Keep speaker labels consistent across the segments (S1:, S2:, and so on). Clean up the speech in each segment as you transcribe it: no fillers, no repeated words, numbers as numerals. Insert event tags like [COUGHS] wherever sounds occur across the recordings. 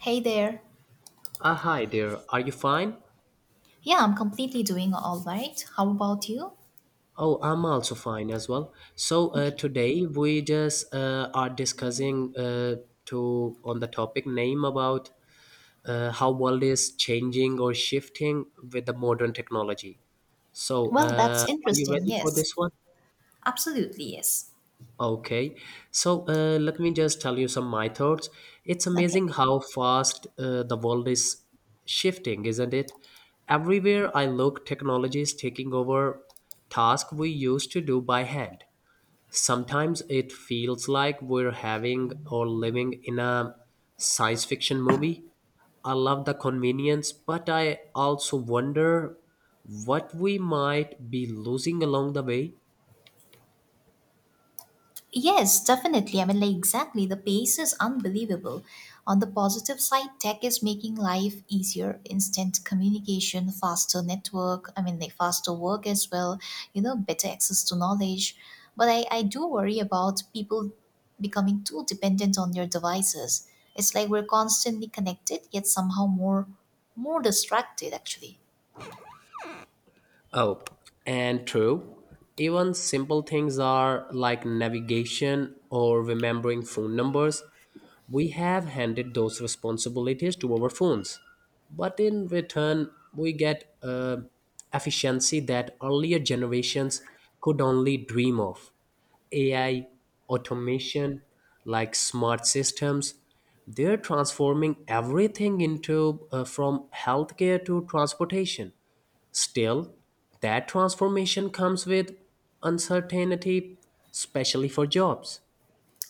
S1: Hey there.
S2: Hi there, are you fine?
S1: Yeah, I'm completely doing all right. How about you?
S2: Oh, I'm also fine as well. So
S1: Okay.
S2: today we just are discussing to on the topic name about how world is changing or shifting with the modern technology. So
S1: Well, that's
S2: are you
S1: interesting.
S2: ready for
S1: Yes.
S2: this one?
S1: Absolutely, yes.
S2: Okay, so let me just tell you some my thoughts. It's
S1: Okay.
S2: amazing how fast the world is shifting, isn't it? Everywhere I look, technology is taking over tasks we used to do by hand. Sometimes it feels like we're having or living in a science fiction movie. I love the convenience, but I also wonder what we might be losing along the way.
S1: Yes, definitely. Exactly. The pace is unbelievable. On the positive side, tech is making life easier, instant communication, faster network, faster work as well, better access to knowledge. But I do worry about people becoming too dependent on their devices. It's like we're constantly connected, yet somehow more distracted, actually.
S2: Oh, and true. Even simple things are like navigation or remembering phone numbers. We have handed those responsibilities to our phones. But in return, we get efficiency that earlier generations could only dream of. AI, automation, like smart systems, they're transforming everything into from healthcare to transportation. Still, that transformation comes with uncertainty, especially for jobs.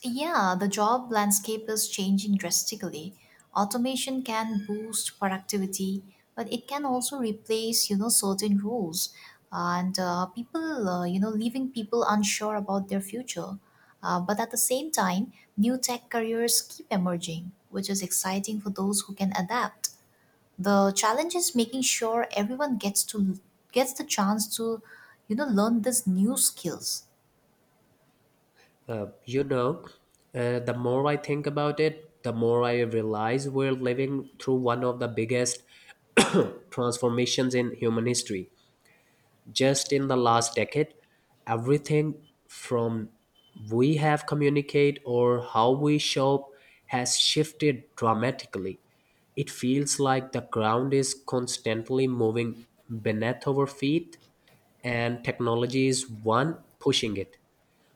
S1: Yeah, the job landscape is changing drastically. Automation can boost productivity, but it can also replace, certain roles, and people, leaving people unsure about their future. But at the same time, new tech careers keep emerging, which is exciting for those who can adapt. The challenge is making sure everyone gets to gets the chance to, learn these new skills.
S2: Uh, you know, the more I think about it, the more I realize we're living through one of the biggest [COUGHS] [CLEARS THROAT] transformations in human history. Just in the last decade, everything from we have communicate or how we shop has shifted dramatically. It feels like the ground is constantly moving beneath our feet, and technology is one pushing it.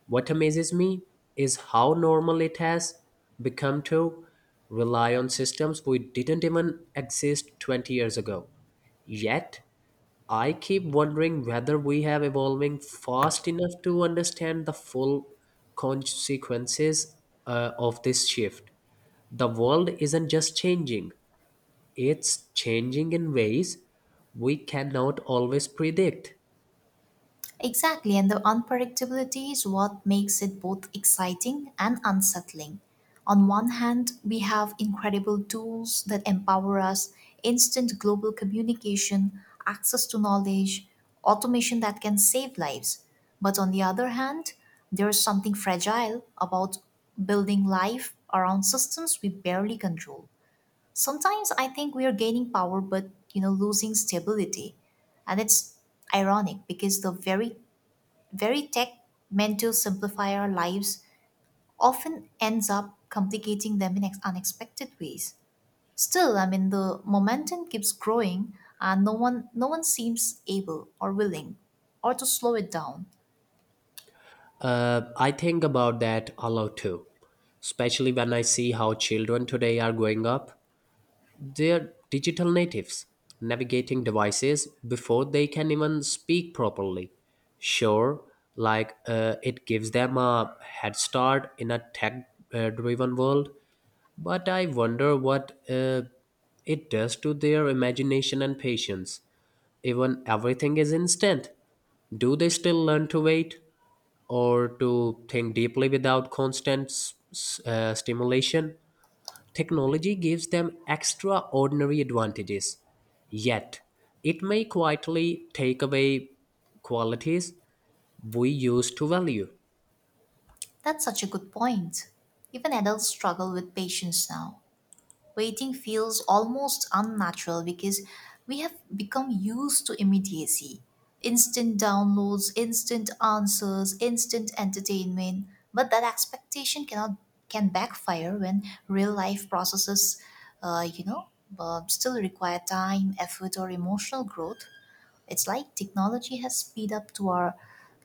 S2: What amazes me is how normal it has become to rely on systems we didn't even exist 20 years ago. Yet I keep wondering whether we have evolving fast enough to understand the full consequences of this shift. The world isn't just changing, it's changing in ways we cannot always predict.
S1: Exactly, and the unpredictability is what makes it both exciting and unsettling. On one hand, we have incredible tools that empower us, instant global communication, access to knowledge, automation that can save lives. But on the other hand, there is something fragile about building life around systems we barely control. Sometimes I think we are gaining power but losing stability. And it's ironic because the very tech meant to simplify our lives often ends up complicating them in unexpected ways. Still, I mean the momentum keeps growing and no one seems able or willing or to slow it down.
S2: I think about that a lot too, especially when I see how children today are growing up. They are digital natives, navigating devices before they can even speak properly. Sure, it gives them a head start in a tech driven world, but I wonder what it does to their imagination and patience. Even everything is instant. Do they still learn to wait or to think deeply without constant stimulation? Technology gives them extraordinary advantages, yet it may quietly take away qualities we used to value.
S1: That's such a good point. Even adults struggle with patience now. Waiting feels almost unnatural because we have become used to immediacy. Instant downloads, instant answers, instant entertainment. But that expectation cannot can backfire when real life processes, uh, you know, still require time, effort, or emotional growth. It's like technology has speed up to our,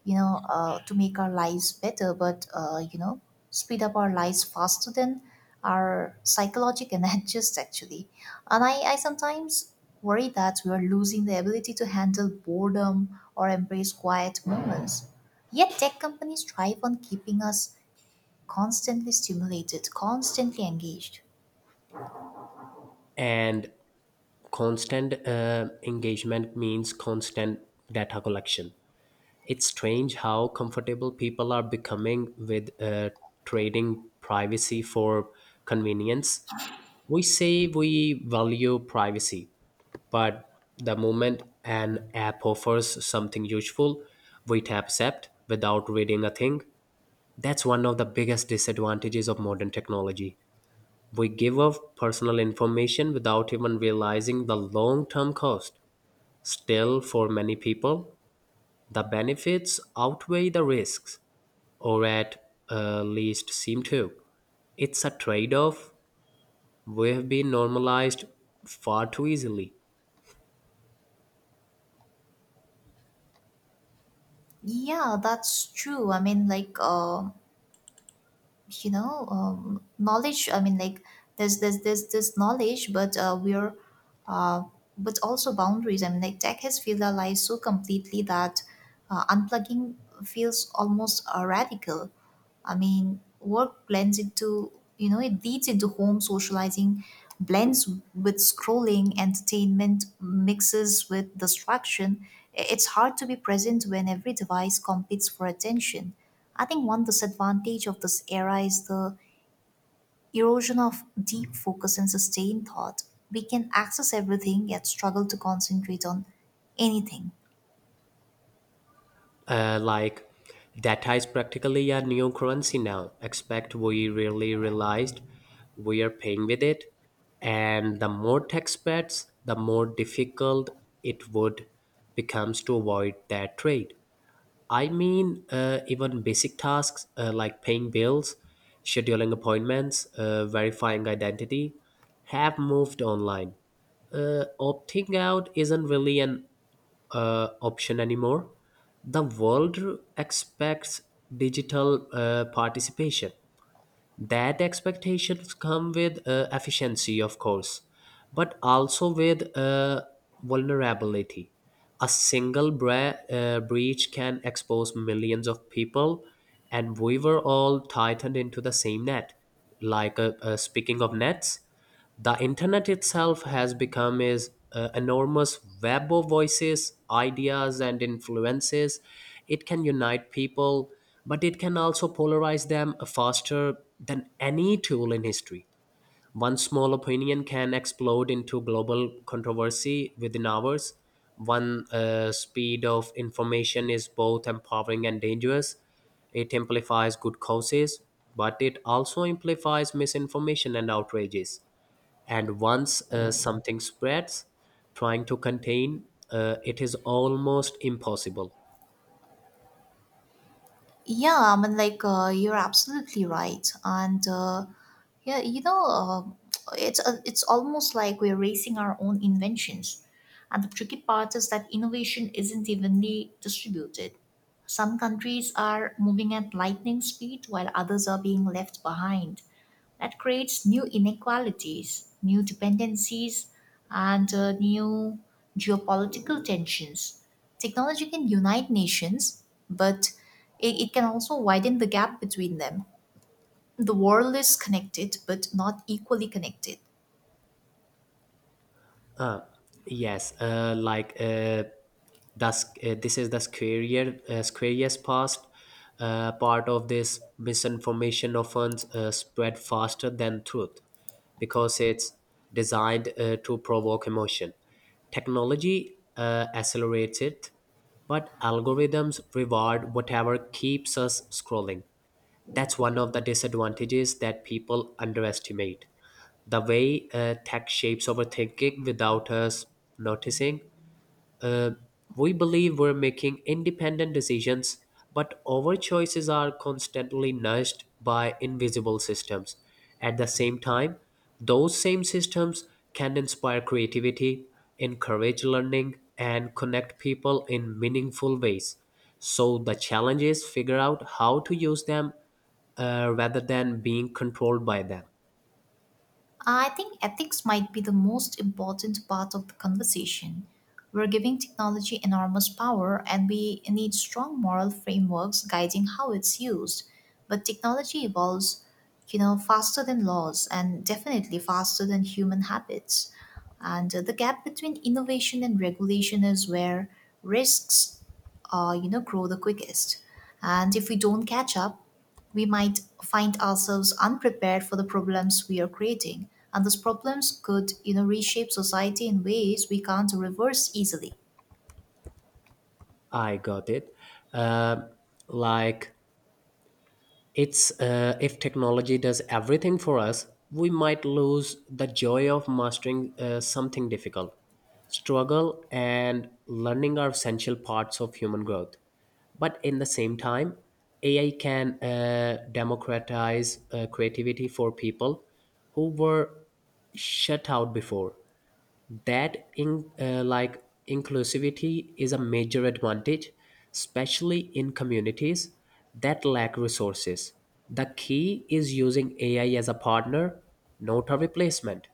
S1: you know, to make our lives better, but you know, speed up our lives faster than our psychological and [LAUGHS] adjust actually. And I sometimes worry that we are losing the ability to handle boredom or embrace quiet moments. Yet tech companies thrive on keeping us constantly stimulated, constantly engaged.
S2: And constant engagement means constant data collection. It's strange how comfortable people are becoming with trading privacy for convenience. We say we value privacy, but the moment an app offers something useful, we tap accept without reading a thing. That's one of the biggest disadvantages of modern technology. We give up personal information without even realizing the long term cost. Still, for many people, the benefits outweigh the risks, or at least seem to. It's a trade off we have been normalized far too easily.
S1: Yeah, that's true. Knowledge, there's this knowledge, uh, but also boundaries. Tech has filled our lives so completely that unplugging feels almost radical. I mean, work blends into, it leads into home. Socializing blends with scrolling. Entertainment mixes with distraction. It's hard to be present when every device competes for attention. I think one disadvantage of this era is the erosion of deep focus and sustained thought. We can access everything yet struggle to concentrate on anything.
S2: Like data is practically a new currency now. Expect we really realized we are paying with it. And the more tech spreads, the more difficult it would becomes to avoid that trade. Even basic tasks like paying bills, scheduling appointments, verifying identity have moved online. Opting out isn't really an option anymore. The world expects digital participation. That expectations come with efficiency of course, but also with vulnerability. A single breach can expose millions of people, and we were all tightened into the same net. Speaking of nets, the internet itself has become is enormous web of voices, ideas, and influences. It can unite people, but it can also polarize them faster than any tool in history. One small opinion can explode into global controversy within hours. One speed of information is both empowering and dangerous. It amplifies good causes, but it also amplifies misinformation and outrages. And once something spreads, trying to contain it is almost impossible.
S1: Yeah, you're absolutely right. And, yeah, you know, uh, it's almost like we're racing our own inventions. And the tricky part is that innovation isn't evenly distributed. Some countries are moving at lightning speed while others are being left behind. That creates new inequalities, new dependencies, and new geopolitical tensions. Technology can unite nations, but it can also widen the gap between them. The world is connected, but not equally connected.
S2: Yes, like thus this is the scariest part. Part of this misinformation often spread faster than truth because it's designed to provoke emotion. Technology accelerates it, but algorithms reward whatever keeps us scrolling. That's one of the disadvantages that people underestimate. The way tech shapes our thinking without us noticing. Uh, We believe we're making independent decisions, but our choices are constantly nudged by invisible systems. At the same time, those same systems can inspire creativity, encourage learning, and connect people in meaningful ways. So the challenge is figure out how to use them rather than being controlled by them.
S1: I think ethics might be the most important part of the conversation. We're giving technology enormous power and we need strong moral frameworks guiding how it's used. But technology evolves, faster than laws and definitely faster than human habits. And the gap between innovation and regulation is where risks, grow the quickest. And if we don't catch up, we might find ourselves unprepared for the problems we are creating, and those problems could, reshape society in ways we can't reverse easily.
S2: I got it. Um like It's If technology does everything for us, we might lose the joy of mastering something difficult. Struggle and learning are essential parts of human growth. But in the same time, AI can democratize creativity for people who were shut out before. That in uh, like inclusivity is a major advantage, especially in communities that lack resources. The key is using AI as a partner, not a replacement.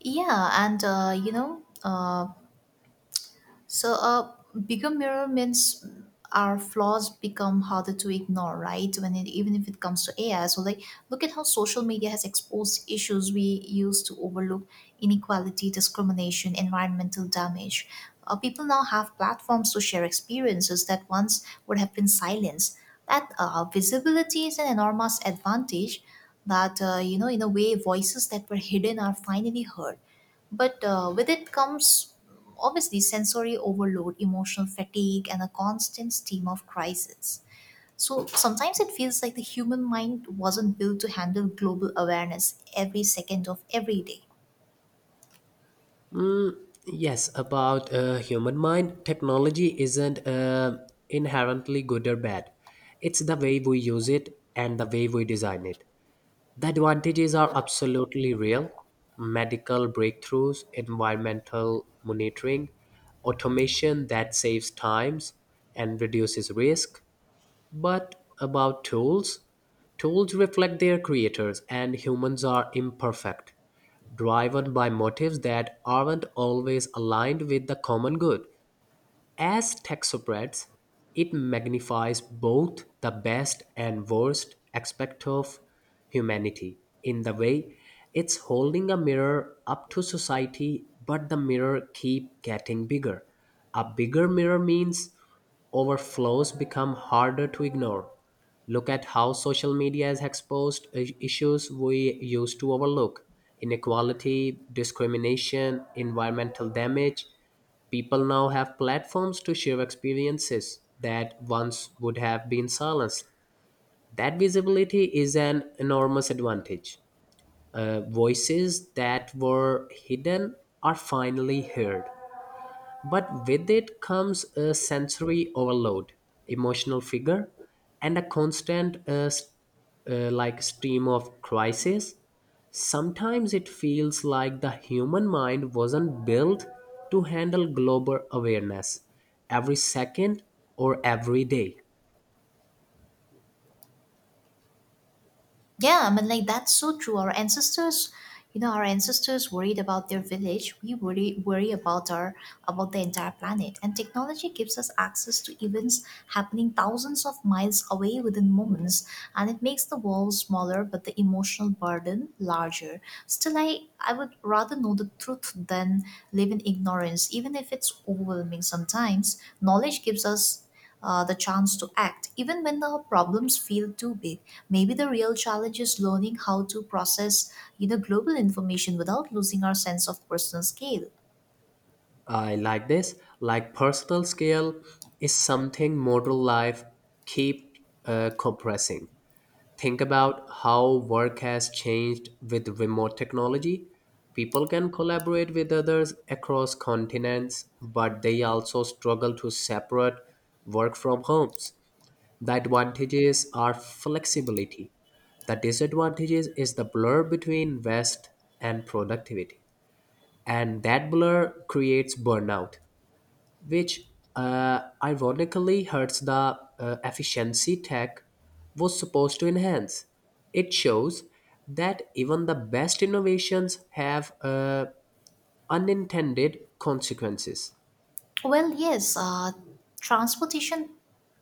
S1: Yeah, and uh, you know, uh, So a bigger mirror means our flaws become harder to ignore, right? When it, even if it comes to AI, so like look at how social media has exposed issues we used to overlook: inequality, discrimination, environmental damage. People now have platforms to share experiences that once would have been silenced. That visibility is an enormous advantage. In a way, voices that were hidden are finally heard, but with it comes obviously sensory overload, emotional fatigue, and a constant stream of crises. So sometimes it feels like the human mind wasn't built to handle global awareness every second of every day.
S2: Yes, about human mind, technology isn't inherently good or bad, it's the way we use it and the way we design it. The advantages are absolutely real. Medical breakthroughs, environmental monitoring, automation that saves times and reduces risk. But about tools, tools reflect their creators and humans are imperfect, driven by motives that aren't always aligned with the common good. As tech spreads, it magnifies both the best and worst aspect of humanity. In the way, it's holding a mirror up to society, but the mirror keep getting bigger. A bigger mirror means overflows become harder to ignore. Look at how social media has exposed issues we used to overlook: inequality, discrimination, environmental damage. People now have platforms to share experiences that once would have been silenced. That visibility is an enormous advantage. Voices that were hidden are finally heard. But with it comes a sensory overload, emotional figure, and a constant stream of crisis. Sometimes it feels like the human mind wasn't built to handle global awareness every second or every day.
S1: Yeah, that's so true. Our ancestors worried about their village. We worry worry about our about the entire planet. And technology gives us access to events happening thousands of miles away within moments, and it makes the world smaller, but the emotional burden larger. Still, I would rather know the truth than live in ignorance, even if it's overwhelming sometimes. Knowledge gives us the chance to act, even when the problems feel too big. Maybe the real challenge is learning how to process, global information without losing our sense of personal scale.
S2: I like this, like personal scale is something modern life keep compressing. Think about how work has changed with remote technology. People can collaborate with others across continents, but they also struggle to separate work from homes. The advantages are flexibility. The disadvantages is the blur between rest and productivity. And that blur creates burnout which ironically hurts the efficiency tech was supposed to enhance. It shows that even the best innovations have unintended consequences.
S1: Well, yes, transportation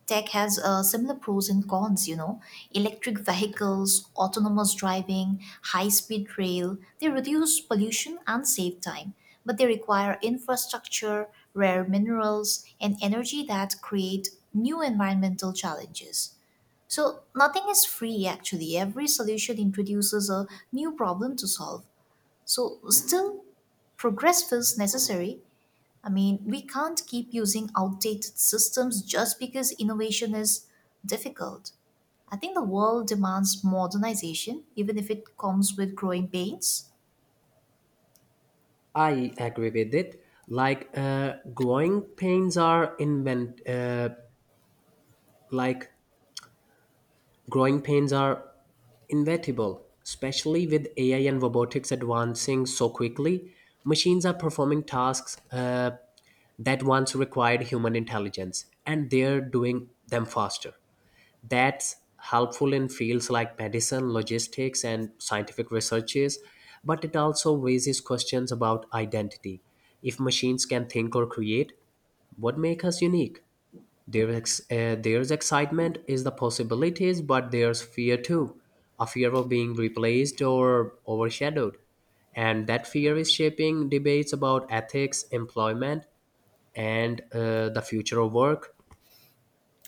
S1: tech has similar pros and cons, you know. Electric vehicles, autonomous driving, high speed rail, they reduce pollution and save time, but they require infrastructure, rare minerals, and energy that create new environmental challenges. So nothing is free actually. Every solution introduces a new problem to solve. So still, progress feels necessary. I mean, we can't keep using outdated systems just because innovation is difficult. I think the world demands modernization even if it comes with growing pains.
S2: I agree with it. Like Growing pains are inevitable, especially with AI and robotics advancing so quickly. Machines are performing tasks that once required human intelligence, and they're doing them faster. That's helpful in fields like medicine, logistics, and scientific researches, but it also raises questions about identity. If machines can think or create, what makes us unique? There's excitement is the possibilities, but there's fear too, a fear of being replaced or overshadowed. And that fear is shaping debates about ethics, employment, and the future of work.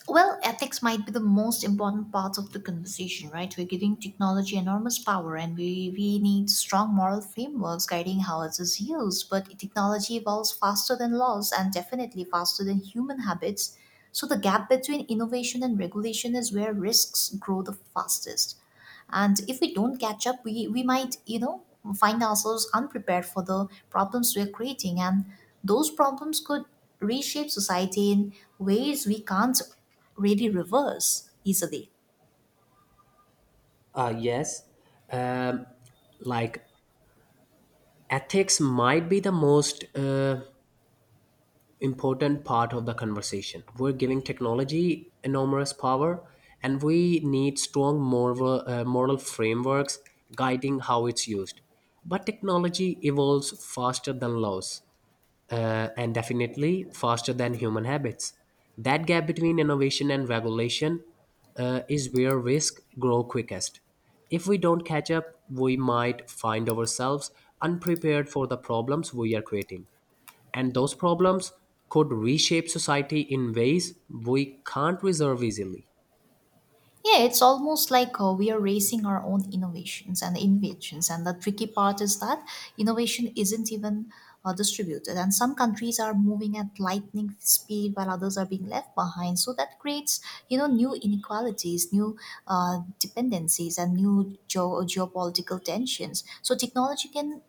S1: Well, ethics might be the most important part of the conversation, right? We're giving technology enormous power and we need strong moral frameworks guiding how it is used. But technology evolves faster than laws and definitely faster than human habits. So the gap between innovation and regulation is where risks grow the fastest, and if we don't catch up, we might, find ourselves unprepared for the problems we're creating, and those problems could reshape society in ways we can't really reverse easily.
S2: Yes, um, like ethics might be the most important part of the conversation. We're giving technology enormous power, and we need strong moral frameworks guiding how it's used. But technology evolves faster than laws and definitely faster than human habits. That gap between innovation and regulation is where risk grow quickest. If we don't catch up, we might find ourselves unprepared for the problems we are creating. And those problems could reshape society in ways we can't reserve easily.
S1: Yeah, it's almost like we are racing our own innovations and inventions. And the tricky part is that innovation isn't even distributed. And some countries are moving at lightning speed while others are being left behind. So that creates, new inequalities, new dependencies, and new geopolitical tensions. So technology can,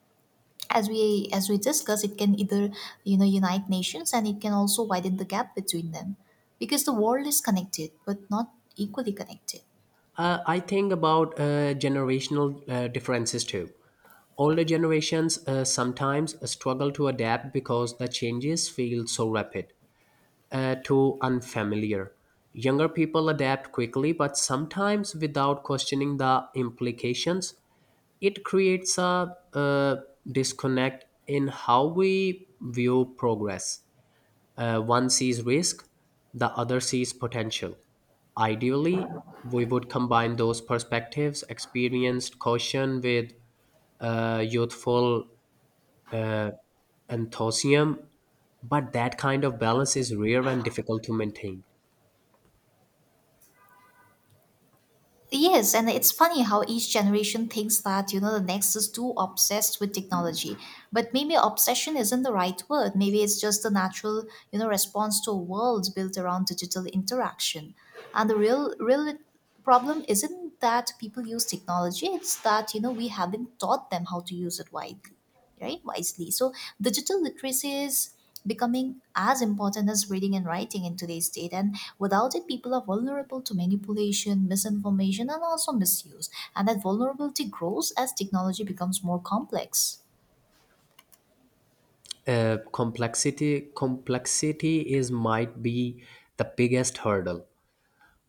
S1: as we discuss it, can either, unite nations, and it can also widen the gap between them, because the world is connected but not equally connected.
S2: I think about generational differences too. Older generations sometimes struggle to adapt because the changes feel so rapid, too unfamiliar. Younger people adapt quickly, but sometimes without questioning the implications. It creates a disconnect in how we view progress. One sees risk, the other sees potential. Ideally, we would combine those perspectives, experienced caution with youthful enthusiasm, but that kind of balance is rare and difficult to maintain.
S1: Yes, and it's funny how each generation thinks that, the next is too obsessed with technology. But maybe obsession isn't the right word. Maybe it's just the natural, response to a world built around digital interaction. And the real problem isn't that people use technology, it's that, we haven't taught them how to use it widely right wisely. So digital literacy is becoming as important as reading and writing in today's date, and without it people are vulnerable to manipulation, misinformation, and also misuse. And that vulnerability grows as technology becomes more complex.
S2: Complexity is might be the biggest hurdle.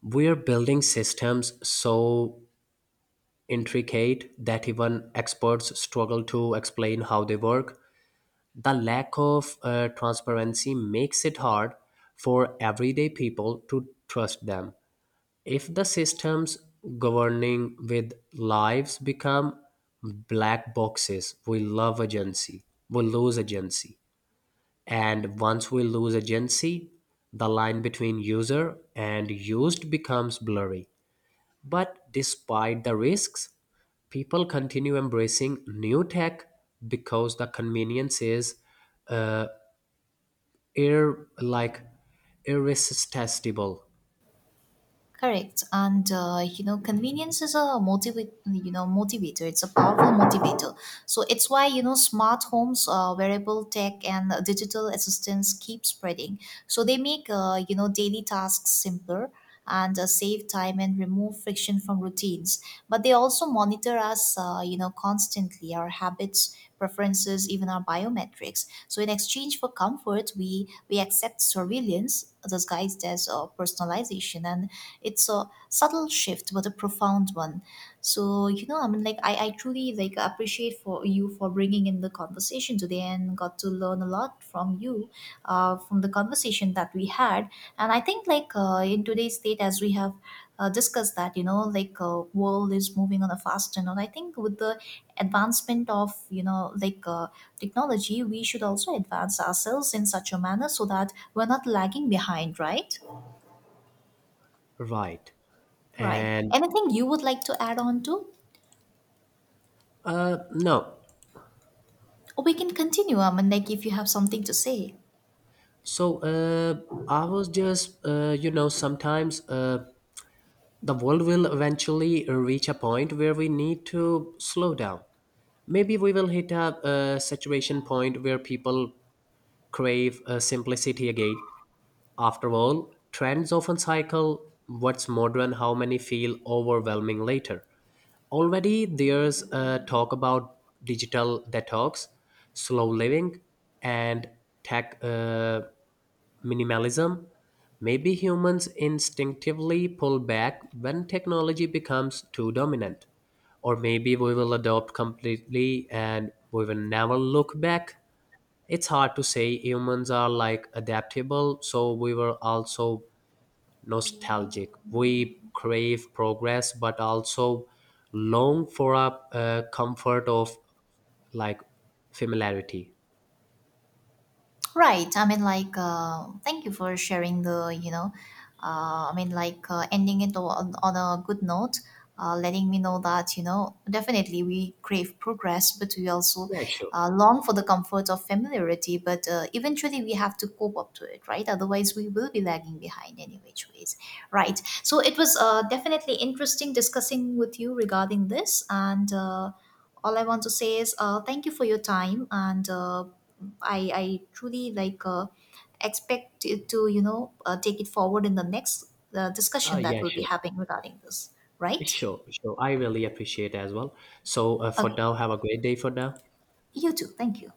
S2: We're building systems so intricate that even experts struggle to explain how they work. The lack of transparency makes it hard for everyday people to trust them. If the systems governing with lives become black boxes, we lose agency. And once we lose agency, the line between user and used becomes blurry. But despite the risks, people continue embracing new tech because the convenience is uh, air like irresistible.
S1: Correct. Convenience is a motivate you know motivator. It's a powerful motivator. So it's why, smart homes, wearable tech, and digital assistants keep spreading. So they make, daily tasks simpler, and save time and remove friction from routines. But they also monitor us, constantly, our habits, preferences, even our biometrics. So in exchange for comfort, we accept surveillance disguised as personalization, and it's a subtle shift, but a profound one. So, I truly, appreciate for you for bringing in the conversation today and got to learn a lot from you, from the conversation that we had. And I think, in today's state, as we have discussed that, world is moving on a fast and all. I think with the advancement of, technology, we should also advance ourselves in such a manner so that we're not lagging behind, right?
S2: Right.
S1: Right.
S2: And
S1: Anything you would like to add on to?
S2: no.
S1: Or we can continue, if you have something to say.
S2: So uh, I was just you know sometimes the world will eventually reach a point where we need to slow down. Maybe we will hit a saturation point where people crave simplicity again. After all, trends often cycle what's modern, how many feel overwhelming later. Already there's talk about digital detox, slow living, and tech minimalism. Maybe humans instinctively pull back when technology becomes too dominant. Or maybe we will adopt completely and we will never look back. It's hard to say humans are like adaptable, so we were also nostalgic. We crave progress, but also long for a comfort of like familiarity.
S1: Right. Thank you for sharing the, ending it on a good note, letting me know that, definitely we crave progress, but we also
S2: Yeah, sure.
S1: long for the comfort of familiarity. But eventually we have to cope up to it, right? Otherwise, we will be lagging behind any which ways, right? So it was definitely interesting discussing with you regarding this. And all I want to say is thank you for your time, and I truly expect it to, take it forward in the next discussion that
S2: Yeah,
S1: we'll be
S2: sure.
S1: having regarding this, right.
S2: Sure, sure. I really appreciate as well. So for
S1: Okay,
S2: now, have a great day for now.
S1: you too, thank you.